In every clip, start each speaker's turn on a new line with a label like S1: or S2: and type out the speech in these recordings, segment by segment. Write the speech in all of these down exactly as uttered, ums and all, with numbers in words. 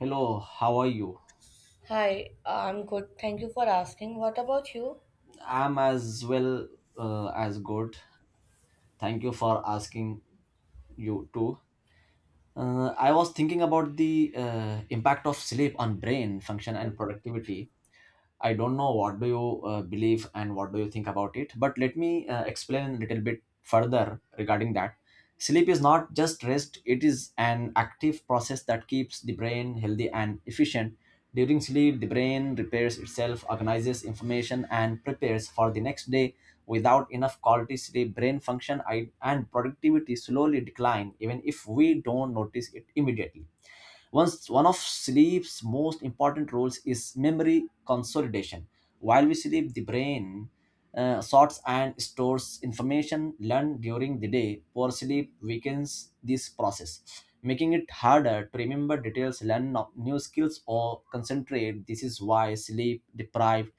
S1: Hello, how are you?
S2: Hi, I'm good. Thank you for asking. What about you?
S1: I'm as well uh, as good. Thank you for asking you too. Uh, I was thinking about the uh, impact of sleep on brain function and productivity. I don't know what do you uh, believe and what do you think about it, but let me uh, explain a little bit further regarding that. Sleep is not just rest, it is an active process that keeps the brain healthy and efficient. During sleep, the brain repairs itself, organizes information, and prepares for the next day. Without enough quality sleep, brain function i- and productivity slowly decline, even if we don't notice it immediately once one of sleep's most important roles is memory consolidation. While we sleep, the brain uh, sorts and stores information learned during the day. Poor sleep weakens this process, making it harder to remember details, learn no- new skills, or concentrate. This is why sleep deprived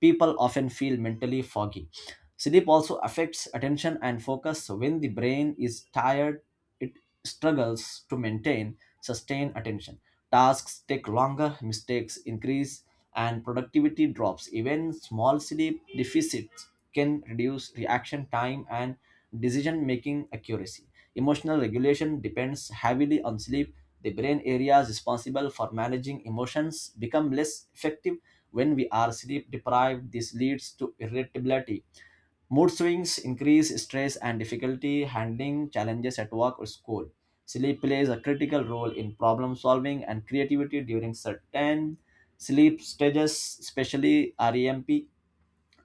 S1: people often feel mentally foggy. Sleep also affects attention and focus. When the brain is tired, it struggles to maintain sustain attention. Tasks take longer, mistakes increase, and productivity drops. Even small sleep deficits can reduce reaction time and decision making accuracy. Emotional regulation depends heavily on sleep. The brain areas responsible for managing emotions become less effective when we are sleep deprived. This leads to irritability. Mood swings increase stress and difficulty handling challenges at work or school. Sleep plays a critical role in problem solving and creativity during certain sleep stages, especially REM.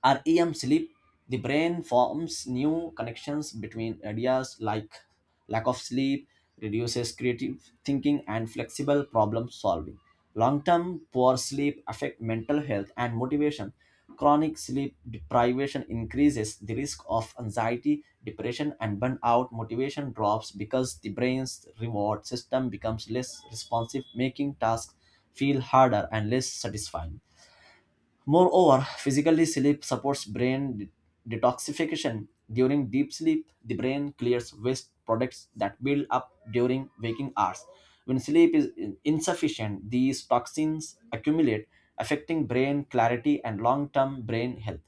S1: Our REM sleep, the brain forms new connections between ideas like lack of sleep, reduces creative thinking and flexible problem solving. Long-term poor sleep affect mental health and motivation. Chronic sleep deprivation increases the risk of anxiety, depression, and burnout. Motivation drops because the brain's reward system becomes less responsive, making tasks feel harder and less satisfying. Moreover, physically sleep supports brain de- detoxification. During deep sleep, the brain clears waste products that build up during waking hours. When sleep is in- insufficient, these toxins accumulate, affecting brain clarity and long-term brain health.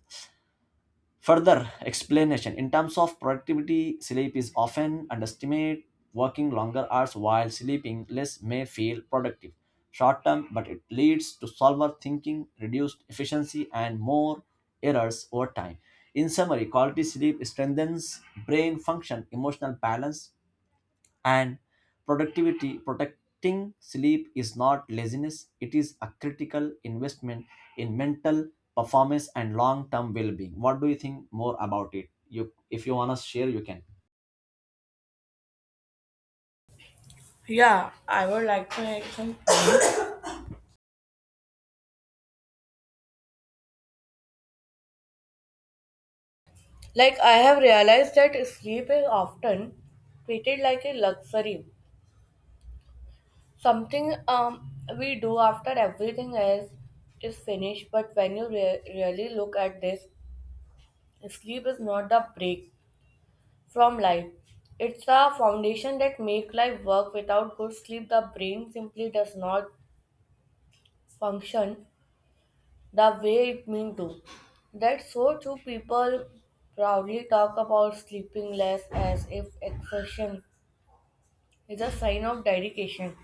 S1: Further explanation in terms of productivity, sleep is often underestimated. Working longer hours while sleeping less may feel productive short term, but it leads to slower thinking, reduced efficiency, and more errors over time. In summary, quality sleep strengthens brain function, emotional balance, and productivity. Protecting sleep is not laziness, it is a critical investment in mental performance and long-term well-being. What do you think more about it? You if you want to share you can.
S2: Yeah, I would like to make some. Like, I have realized that sleep is often treated like a luxury, something um, we do after everything else is finished. But when you re- really look at this, sleep is not the break from life. It's a foundation that make life work. Without good sleep, the brain simply does not function the way it means to. That's so true. People proudly talk about sleeping less as if exertion is a sign of dedication.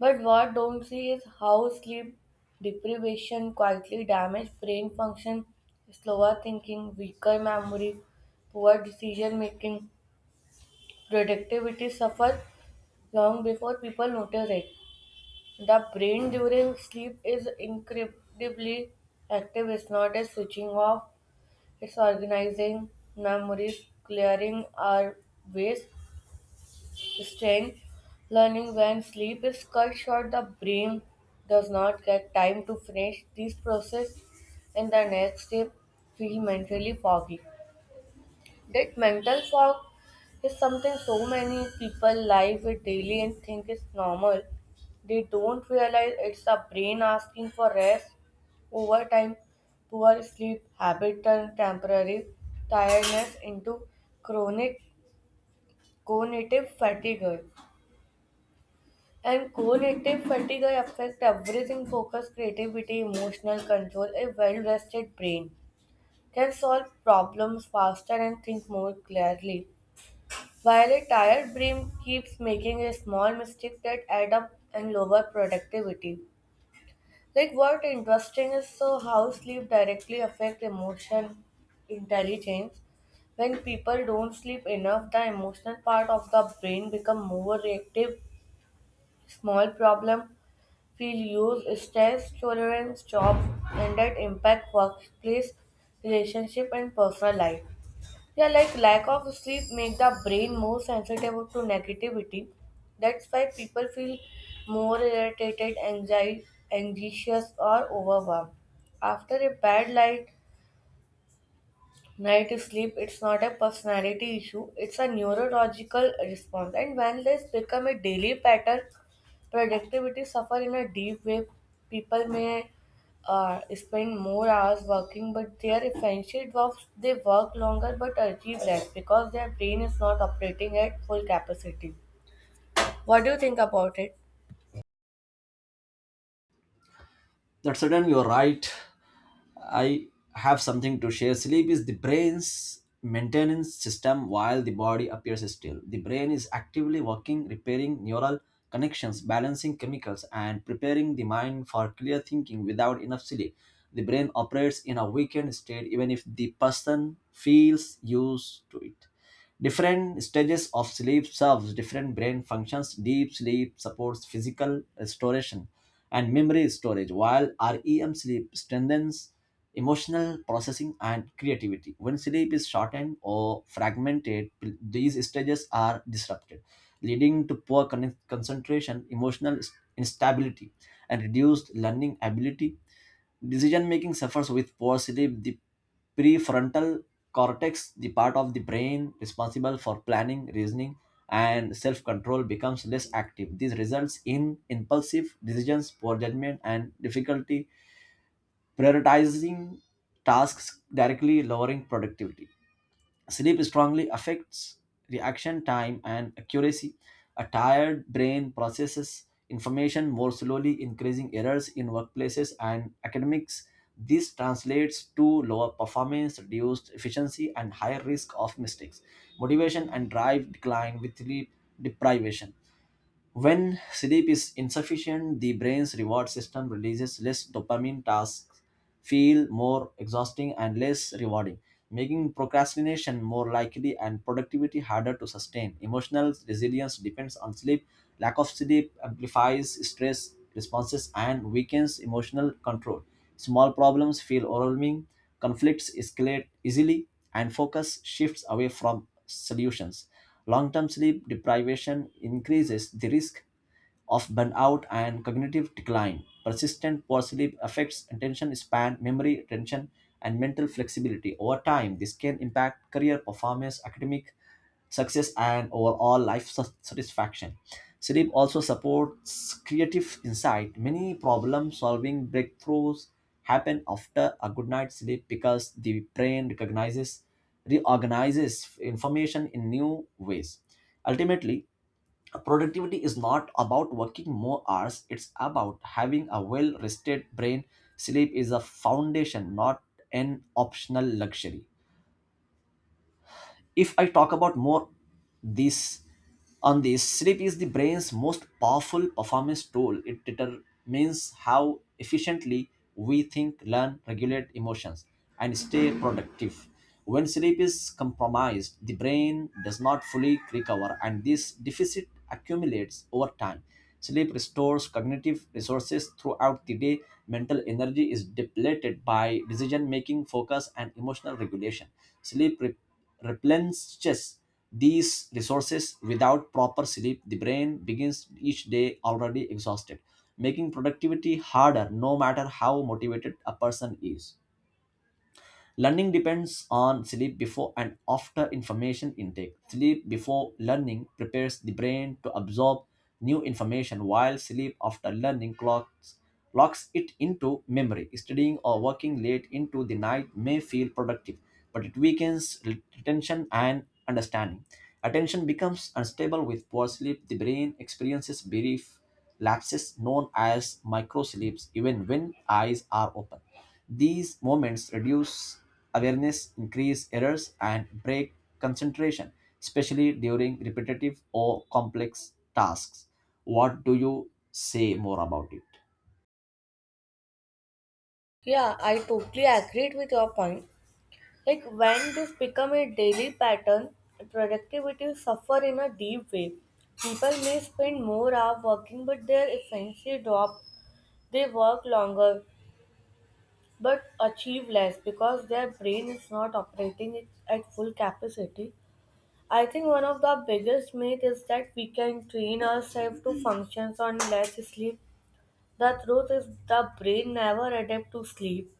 S2: But what don't see is how sleep deprivation quietly damages brain function, slower thinking, weaker memory, poor decision making, productivity suffers long before people notice it. The brain during sleep is incredibly active. It's not a switching off. It's organizing memories, clearing our waste strength, learning when sleep is cut short, the brain does not get time to finish these process, and the next day feel mentally foggy. That mental fog is something so many people live with daily and think is normal. They don't realize it's a brain asking for rest. Over time, poor sleep habit turn temporary tiredness into chronic cognitive fatigue. And cognitive fatigue affects everything focus, creativity, emotional control. A well rested brain can solve problems faster and think more clearly. While a tired brain keeps making a small mistake that add up and lower productivity. Like what interesting is so how sleep directly affect emotion intelligence. When people don't sleep enough, the emotional part of the brain become more reactive. Small problem feel use stress tolerance, job, and that impact workplace, relationship, and personal life. Yeah, like lack of sleep make the brain more sensitive to negativity. That's why people feel more irritated, anxiety, anxious, or overwhelmed. After a bad night, night sleep, it's not a personality issue, it's a neurological response. And when this become a daily pattern, productivity suffer in a deep way. People may uh, spend more hours working, but their essential jobs, they work longer but achieve less because their brain is not operating at full capacity. What do you think about it?
S1: That's certain, you're right. I have something to share. Sleep is the brain's maintenance system while the body appears still. The brain is actively working, repairing neural connections, balancing chemicals, and preparing the mind for clear thinking without enough sleep. The brain operates in a weakened state even if the person feels used to it. Different stages of sleep serves different brain functions. Deep sleep supports physical restoration and memory storage, while REM sleep strengthens emotional processing and creativity. When sleep is shortened or fragmented, p- these stages are disrupted, leading to poor con- concentration, emotional s- instability, and reduced learning ability. Decision making suffers with poor sleep. The prefrontal cortex, the part of the brain responsible for planning, reasoning, and self control, becomes less active. This results in impulsive decisions, poor judgment, and difficulty prioritizing tasks, directly lowering productivity. Sleep strongly affects reaction time and accuracy. A tired brain processes information more slowly, increasing errors in workplaces and academics. This translates to lower performance, reduced efficiency, and higher risk of mistakes. Motivation and drive decline with sleep deprivation. When sleep is insufficient, the brain's reward system releases less dopamine, tasks feel more exhausting and less rewarding, making procrastination more likely and productivity harder to sustain. Emotional resilience depends on sleep. Lack of sleep amplifies stress responses and weakens emotional control. Small problems feel overwhelming, conflicts escalate easily, and focus shifts away from solutions. Long term sleep deprivation increases the risk of burnout and cognitive decline. Persistent poor sleep affects attention span, memory retention, and mental flexibility. Over time, this can impact career performance, academic success, and overall life sat- satisfaction. Sleep also supports creative insight. Many problem solving breakthroughs happen after a good night's sleep because the brain recognizes, reorganizes information in new ways. Ultimately, productivity is not about working more hours, it's about having a well rested brain. Sleep is a foundation, not an optional luxury. If I talk about more this on this, sleep is the brain's most powerful performance tool. It determines how efficiently we think, learn, regulate emotions, and stay productive. When sleep is compromised, the brain does not fully recover, and this deficit accumulates over time. Sleep restores cognitive resources throughout the day. Mental energy is depleted by decision making, focus, and emotional regulation. Sleep replenishes these resources. Without proper sleep, the brain begins each day already exhausted, making productivity harder no matter how motivated a person is. Learning depends on sleep before and after information intake. Sleep before learning prepares the brain to absorb new information, while sleep after learning clocks, locks it into memory. Studying or working late into the night may feel productive, but it weakens retention and understanding. Attention becomes unstable with poor sleep. The brain experiences brief lapses known as microsleeps even when eyes are open. These moments reduce awareness, increase errors, and break concentration, especially during repetitive or complex tasks. What do you say more about it?
S2: Yeah, I totally agreed with your point. Like when this become a daily pattern, productivity suffer in a deep way. People may spend more hours working, but their efficiency drop. They work longer, but achieve less because their brain is not operating it at full capacity. I think one of the biggest myths is that we can train ourselves to functions on less sleep. The truth is the brain never adapt to sleep.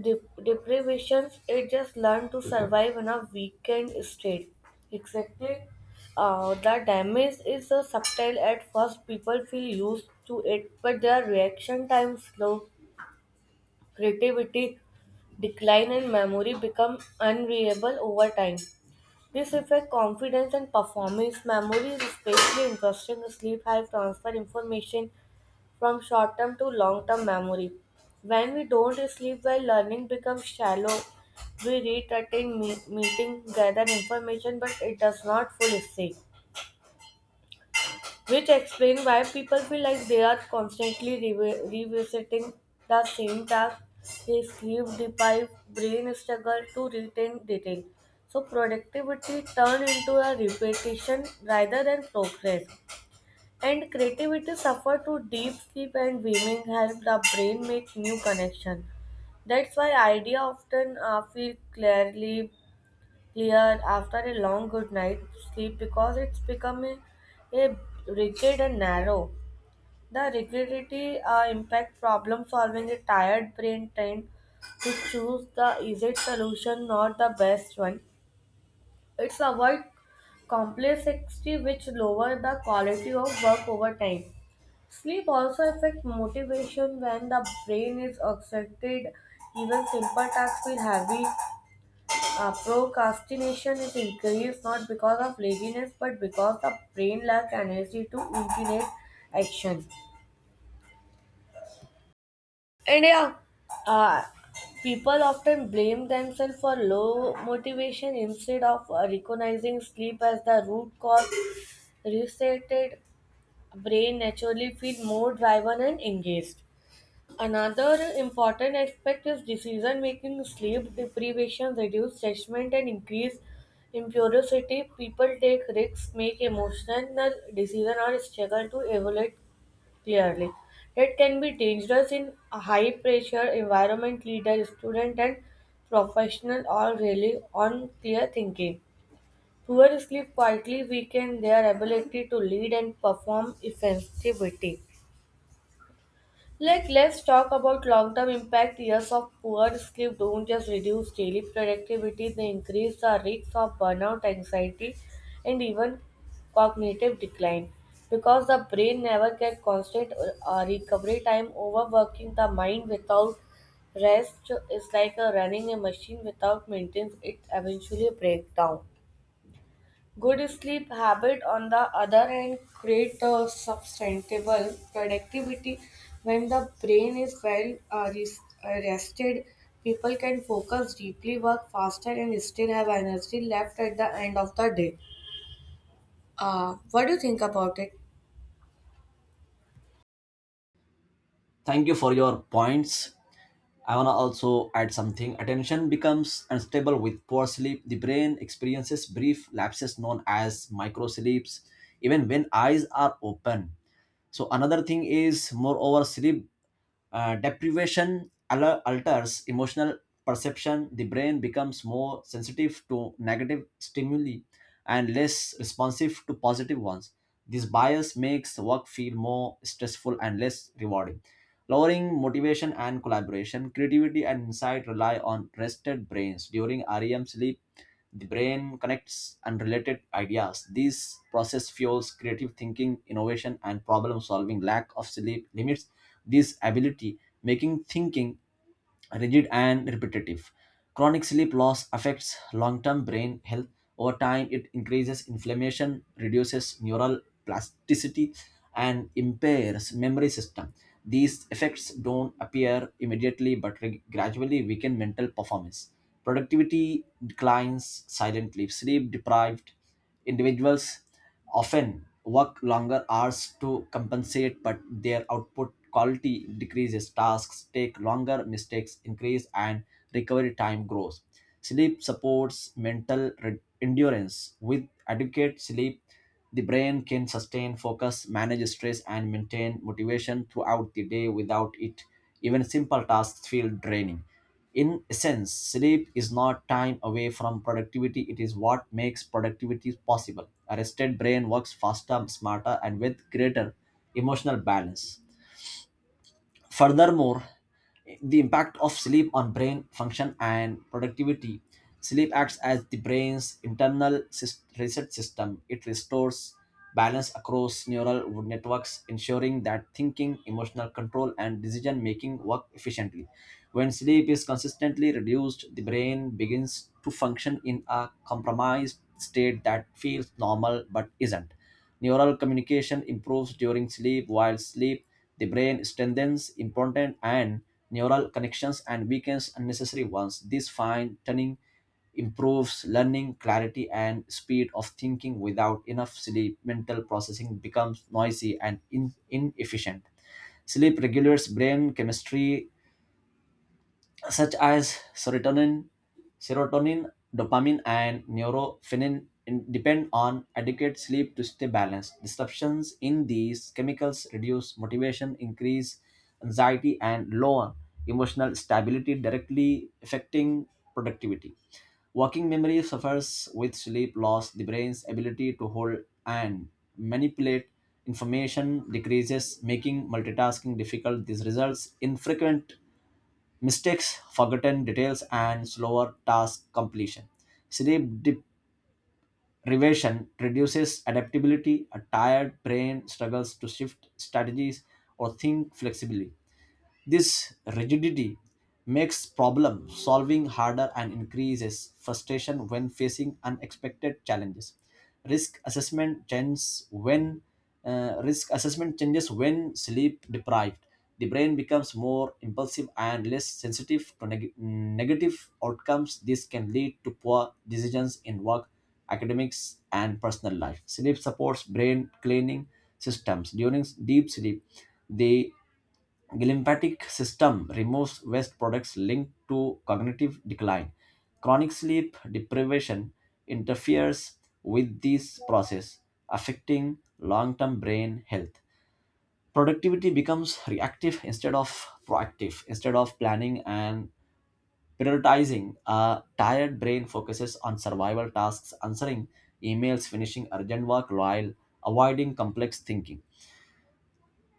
S2: Dep- deprivations it just learned to survive in a weakened state exactly. uh, the damage is uh, subtle at first people feel used to it but their reaction time slow creativity decline and memory become unreliable over time this affects confidence and performance. Memory is especially interesting. Sleep helps transfer information from short-term to long-term memory. When we don't sleep well, learning becomes shallow. We read, attend me- meeting, gather information, but it does not fully stick which explain why people feel like they are constantly revi- revisiting the same task. They sleep deprived, brain struggle to retain detail. So productivity turn into a repetition rather than progress. And creativity suffer to deep sleep and dreaming help the brain make new connection. That's why idea often uh, feel clearly clear after a long good night's sleep because it's become a, a rigid and narrow. The rigidity uh, impact problem solving a tired brain tend to choose the easy solution, not the best one. It's avoid complexity which lower the quality of work over time. Sleep also affects motivation when the brain is exhausted. Even simple tasks feel heavy. uh, procrastination is increased not because of laziness but because the brain lacks energy to inclinate action. And yeah, uh, people often blame themselves for low motivation instead of uh, recognizing sleep as the root cause. Resetted brain naturally feel more driven and engaged. Another important aspect is decision making. Sleep deprivation reduces judgment and increase impurity. People take risks, make emotional decision, or struggle to evaluate clearly. That can be dangerous in a high pressure environment. Leader, student, and professional all rely on clear thinking. Poor sleep quietly weaken their ability to lead and perform effectively. Like, let's talk about long-term impact. Years of poor sleep don't just reduce daily productivity, they increase the risk of burnout, anxiety, and even cognitive decline. Because the brain never gets constant uh, recovery time, overworking the mind without rest is like a running a machine without maintenance, it eventually breaks down. Good sleep habit, on the other hand, create a sustainable productivity. When the brain is well uh, res- uh, rested, people can focus deeply, work faster, and still have energy left at the end of the day. Uh, what do you think about it?
S1: Thank you for your points. I wanna also add something. Attention becomes unstable with poor sleep. The brain experiences brief lapses known as microsleeps, even when eyes are open. So another thing is, moreover, sleep uh, deprivation al- alters emotional perception. The brain becomes more sensitive to negative stimuli and less responsive to positive ones. This bias makes work feel more stressful and less rewarding, lowering motivation and collaboration. Creativity and insight rely on rested brains. During REM sleep, the brain connects unrelated ideas. This process fuels creative thinking, innovation, and problem solving. Lack of sleep limits this ability, making thinking rigid and repetitive. Chronic sleep loss affects long term brain health. Over time, it increases inflammation, reduces neural plasticity, and impairs memory system. These effects don't appear immediately but re- gradually weaken mental performance. Productivity declines silently. Sleep deprived individuals often work longer hours to compensate, but their output quality decreases. Tasks take longer, mistakes increase, and recovery time grows. Sleep supports mental re- endurance. With adequate sleep, the brain can sustain focus, manage stress, and maintain motivation throughout the day. Without it, even simple tasks feel draining. In essence, sleep is not time away from productivity, it is what makes productivity possible. A rested brain works faster, smarter, and with greater emotional balance. Furthermore, the impact of sleep on brain function and productivity. Sleep acts as the brain's internal sys- reset system. It restores balance across neural wood networks, ensuring that thinking, emotional control, and decision making work efficiently. When sleep is consistently reduced, the brain begins to function in a compromised state that feels normal but isn't. Neural communication improves during sleep. While sleep, the brain strengthens important and neural connections and weakens unnecessary ones. This fine tuning improves learning, clarity, and speed of thinking. Without enough sleep, mental processing becomes noisy and in- inefficient. Sleep regulates brain chemistry such as serotonin, serotonin, dopamine, and neurofenin in- depend on adequate sleep to stay balanced. Disruptions in these chemicals reduce motivation, increase anxiety, and lower emotional stability, directly affecting productivity. Working memory suffers with sleep loss. The brain's ability to hold and manipulate information decreases, making multitasking difficult. This results in frequent mistakes, forgotten details, and slower task completion. Sleep deprivation reduces adaptability. A tired brain struggles to shift strategies or think flexibly. This rigidity makes problem solving harder and increases frustration when facing unexpected challenges. Risk assessment changes when uh, Risk assessment changes when sleep deprived. The brain becomes more impulsive and less sensitive to neg- negative outcomes. This can lead to poor decisions in work, academics, and personal life. Sleep supports brain cleaning systems. During deep sleep, the Glymphatic system removes waste products linked to cognitive decline. Chronic sleep deprivation interferes with this process, affecting long-term brain health. Productivity becomes reactive instead of proactive. Instead of planning and prioritizing, a tired brain focuses on survival tasks, answering emails, finishing urgent work while avoiding complex thinking.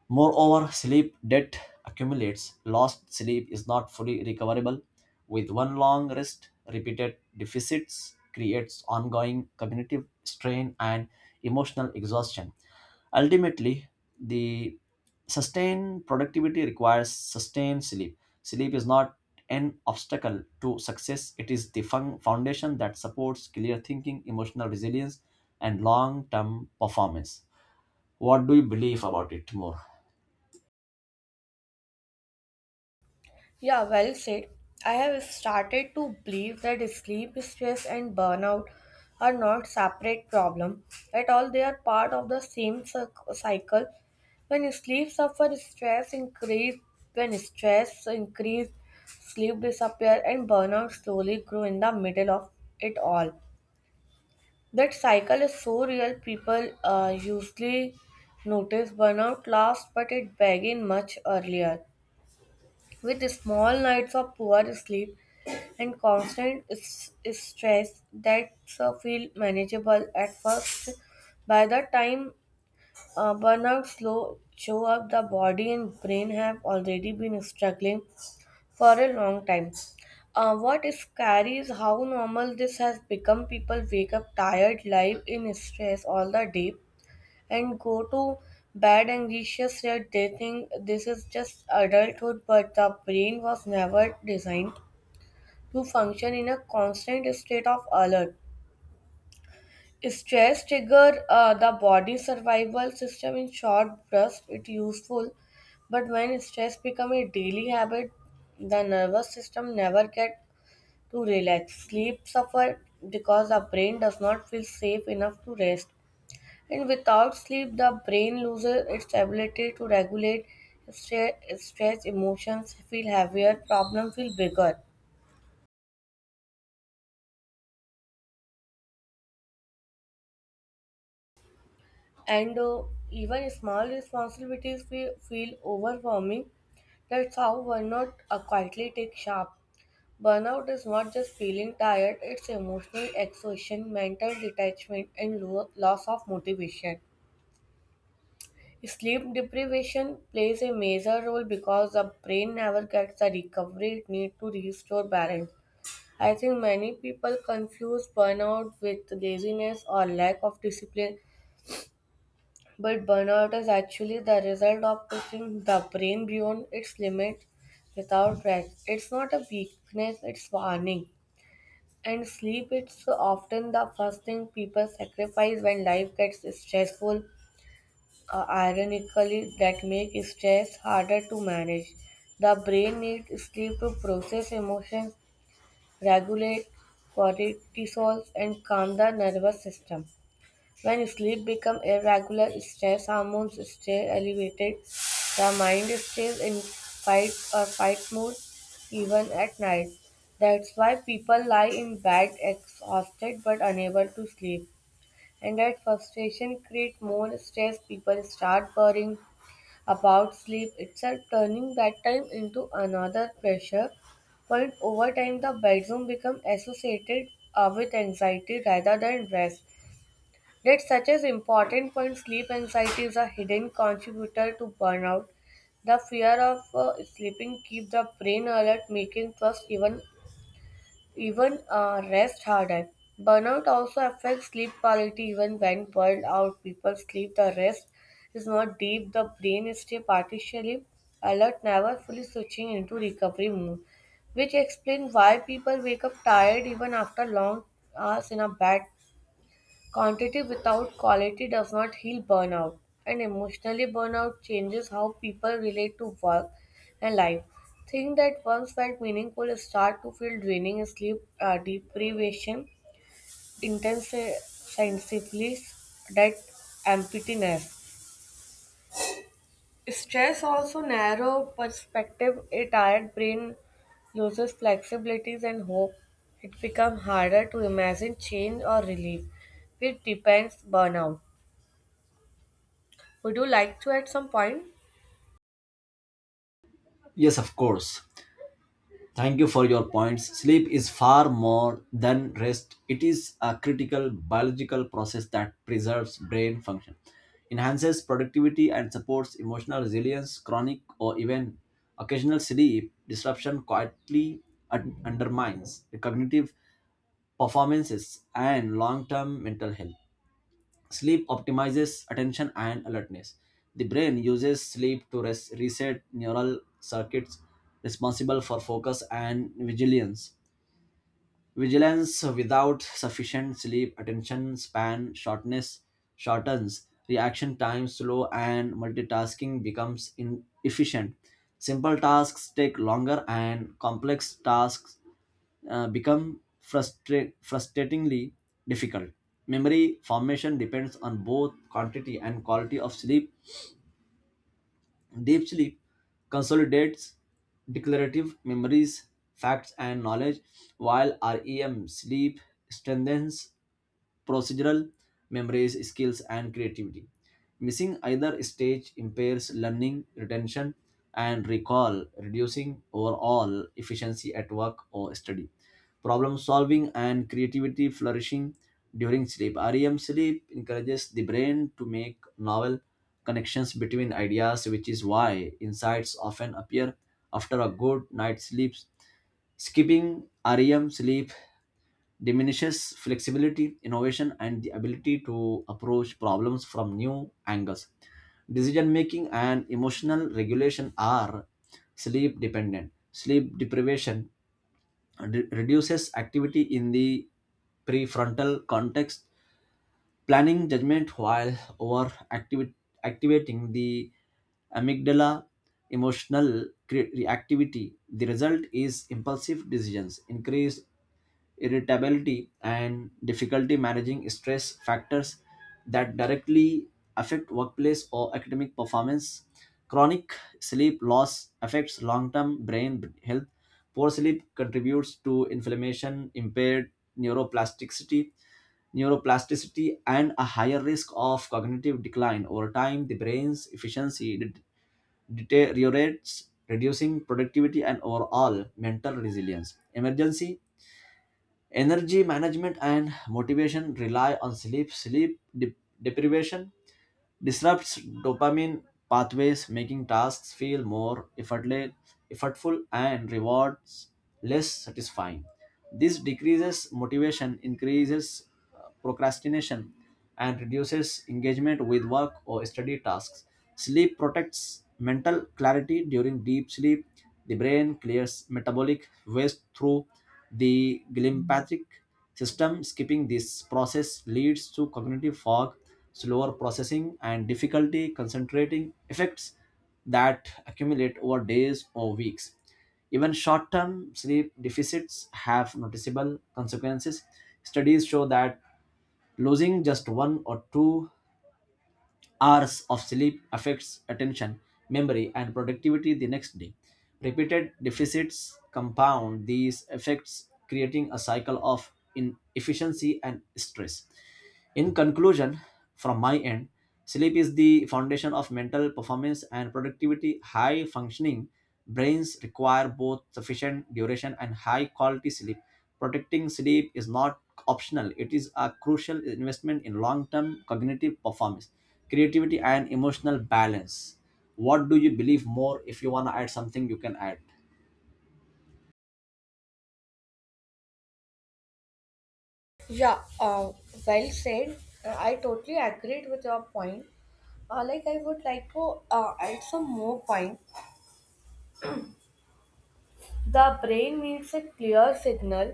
S1: Moreover, sleep debt accumulates. Lost sleep is not fully recoverable, with one long rest. Repeated deficits creates ongoing cognitive strain and emotional exhaustion. Ultimately, the sustained productivity requires sustained sleep. Sleep is not an obstacle to success, it is the fun- foundation that supports clear thinking, emotional resilience, and long term performance. What do you believe about it more?
S2: Yeah, well said. I have started to believe that sleep stress and burnout are not separate problem at all. They are part of the same circ- cycle. When sleep suffers, stress increase. When stress increase, sleep disappear and burnout slowly grow in the middle of it all. That cycle is so real. People uh, usually notice burnout last, but it begins much earlier. With small nights of poor sleep, and constant s- stress that's uh, feel manageable at first. By the time uh, burnout slow show up, the body and brain have already been struggling for a long time. Uh, what is scary is how normal this has become. People wake up tired, live in stress all the day, and go to bed anxious. Yet they think this is just adulthood, but the brain was never designed who function in a constant state of alert. Stress trigger uh, the body survival system in short bursts. It's useful, but when stress becomes a daily habit, the nervous system never get to relax. Sleep suffer because the brain does not feel safe enough to rest. And without sleep, the brain loses its ability to regulate stre- stress. Emotions feel heavier, problems feel bigger, and uh, even small responsibilities fe- feel overwhelming. That's how burnout uh, quietly takes shape. Burnout is not just feeling tired, it's emotional exhaustion, mental detachment, and lo- loss of motivation. Sleep deprivation plays a major role because the brain never gets the recovery it needs to restore balance. I think many people confuse burnout with laziness or lack of discipline, but burnout is actually the result of pushing the brain beyond its limits without rest. It's not a weakness, it's warning. And sleep is often the first thing people sacrifice when life gets stressful. Uh, ironically, that makes stress harder to manage. The brain needs sleep to process emotions, regulate cortisol, and calm the nervous system. When sleep becomes irregular, stress hormones stay elevated. The mind stays in fight or fight mode even at night. That's why people lie in bed exhausted but unable to sleep. And that frustration creates more stress. People start worrying about sleep itself, turning bedtime into another pressure point. Over time, the bedroom becomes associated uh, with anxiety rather than rest. Yet such as important point sleep anxiety is a hidden contributor to burnout. The fear of uh, sleeping keeps the brain alert, making trust even even uh, rest harder. Burnout also affects sleep quality even when burned out people sleep the rest is not deep, the brain stay partially alert, never fully switching into recovery mode, which explains why people wake up tired even after long hours in a bed. Quantity without quality does not heal burnout, and emotionally burnout changes how people relate to work and life. Things that once felt meaningful start to feel draining, sleep uh, deprivation intensifies that emptiness. Stress also narrow perspective. A tired brain loses flexibilities and hope. It becomes harder to imagine change or relief, which depends burnout. Would you like to add some point?
S1: Yes, of course. Thank you for your points. Sleep is far more than rest. It is a critical biological process that preserves brain function, enhances productivity, and supports emotional resilience. Chronic or even occasional sleep disruption quietly un- undermines the cognitive performances and long term mental health. Sleep optimizes attention and alertness. The brain uses sleep to res- reset neural circuits responsible for focus and vigilance. Vigilance without sufficient sleep, attention span shortness shortens, reaction time slow, and multitasking becomes inefficient. Simple tasks take longer, and complex tasks uh, become frustra- frustratingly difficult. Memory formation depends on both quantity and quality of sleep. Deep sleep consolidates declarative memories, facts, and knowledge, while REM sleep strengthens procedural memories, skills, and creativity. Missing either stage impairs learning, retention, and recall, reducing overall efficiency at work or study. Problem solving and creativity flourishing during sleep. REM sleep encourages the brain to make novel connections between ideas, which is why insights often appear after a good night's sleep. Skipping REM sleep diminishes flexibility, innovation, and the ability to approach problems from new angles. Decision making and emotional regulation are sleep dependent. Sleep deprivation re- reduces activity in the prefrontal context, planning judgment while over activating the amygdala emotional cre- reactivity. The result is impulsive decisions, increased irritability, and difficulty managing stress factors that directly affect workplace or academic performance. Chronic sleep loss affects long term brain health. Poor sleep contributes to inflammation, impaired neuroplasticity, neuroplasticity, and a higher risk of cognitive decline. Over time, the brain's efficiency det- deteriorates, reducing productivity and overall mental resilience. Emergency Energy management and motivation rely on sleep. Sleep dep- deprivation disrupts dopamine pathways, making tasks feel more effortle- effortful and rewards less satisfying. This decreases motivation, increases uh, procrastination, and reduces engagement with work or study tasks. Sleep protects mental clarity during deep sleep. The brain clears metabolic waste through the glymphatic system. Skipping this process leads to cognitive fog, slower processing, and difficulty concentrating effects that accumulate over days or weeks. Even short term sleep deficits have noticeable consequences. Studies show that losing just one or two hours of sleep affects attention, memory, and productivity the next day. Repeated deficits compound these effects, creating a cycle of inefficiency and stress. In conclusion, from my end, sleep is the foundation of mental performance and productivity. High functioning brains require both sufficient duration and high quality sleep. Protecting sleep is not optional, it is a crucial investment in long term cognitive performance, creativity, and emotional balance. What do you believe more? If you want to add something, you can add.
S2: Yeah, uh, well said. Uh, I totally agreed with your point. Uh, like, I would like to uh, add some more point. The brain needs a clear signal.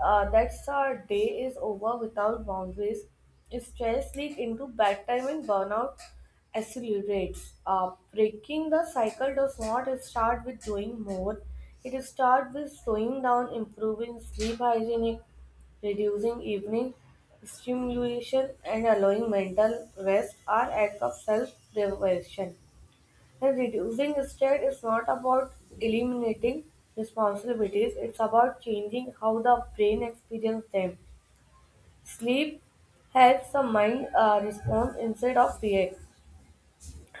S2: Uh, that's our day is over without boundaries. Stress leads into bad time and burnout accelerates. Uh, breaking the cycle does not start with doing more. It starts with slowing down, improving sleep hygiene, reducing evening stimulation, and allowing mental rest are acts of self-preservation. And reducing state is not about eliminating responsibilities, it's about changing how the brain experiences them. Sleep helps the mind uh, respond instead of react.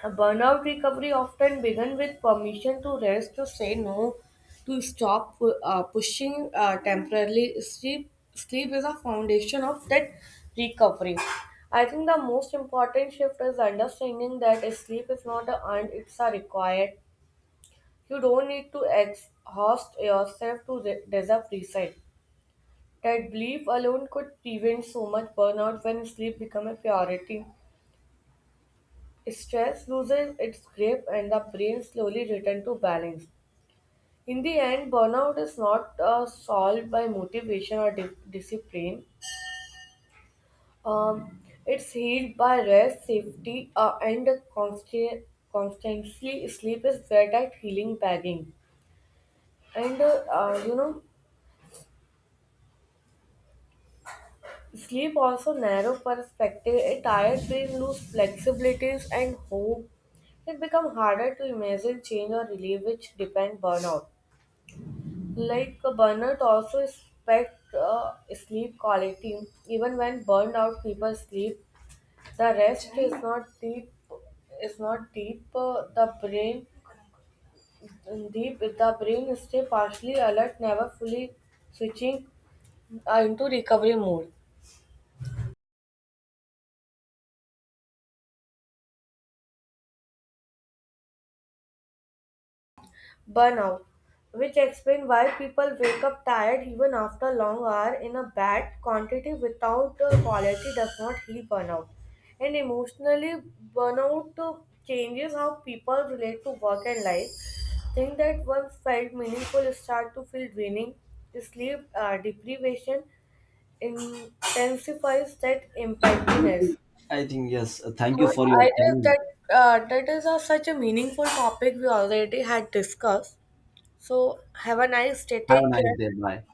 S2: Burnout recovery often begins with permission to rest, to say no, to stop pu- uh, pushing uh, temporarily. Sleep, sleep is a foundation of that recovery. I think the most important shift is understanding that sleep is not an earned, it's a required. You don't need to exhaust yourself to re- deserve reset. That belief alone could prevent so much burnout when sleep becomes a priority. Stress loses its grip and the brain slowly returns to balance. In the end, burnout is not uh, solved by motivation or di- discipline. Um, it's healed by rest, safety, uh, and constant, constantly sleep is where that healing bagging. And uh, uh, you know, sleep also narrow perspective. A tired brain lose flexibilities and hope. It become harder to imagine change or relief, which depend burnout. Like a burnout also expect uh, sleep quality. Even when burnout people sleep, the rest is not deep. Is not deep. uh, the brain deep. The brain stay partially alert, never fully switching uh, into recovery mode. burnout, which explains why people wake up tired even after long hour in a bad quantity without the quality does not heal burnout. And emotionally, burnout uh, changes how people relate to work and life. Things that once felt meaningful start to feel draining. Sleep uh, deprivation intensifies that emptiness.
S1: I think, yes. Thank
S2: So
S1: you
S2: I
S1: for your
S2: guess
S1: time.
S2: that uh, that is a, such a meaningful topic we already had discussed. So have a nice day.
S1: Have a
S2: Take
S1: nice
S2: care.
S1: day. Bye.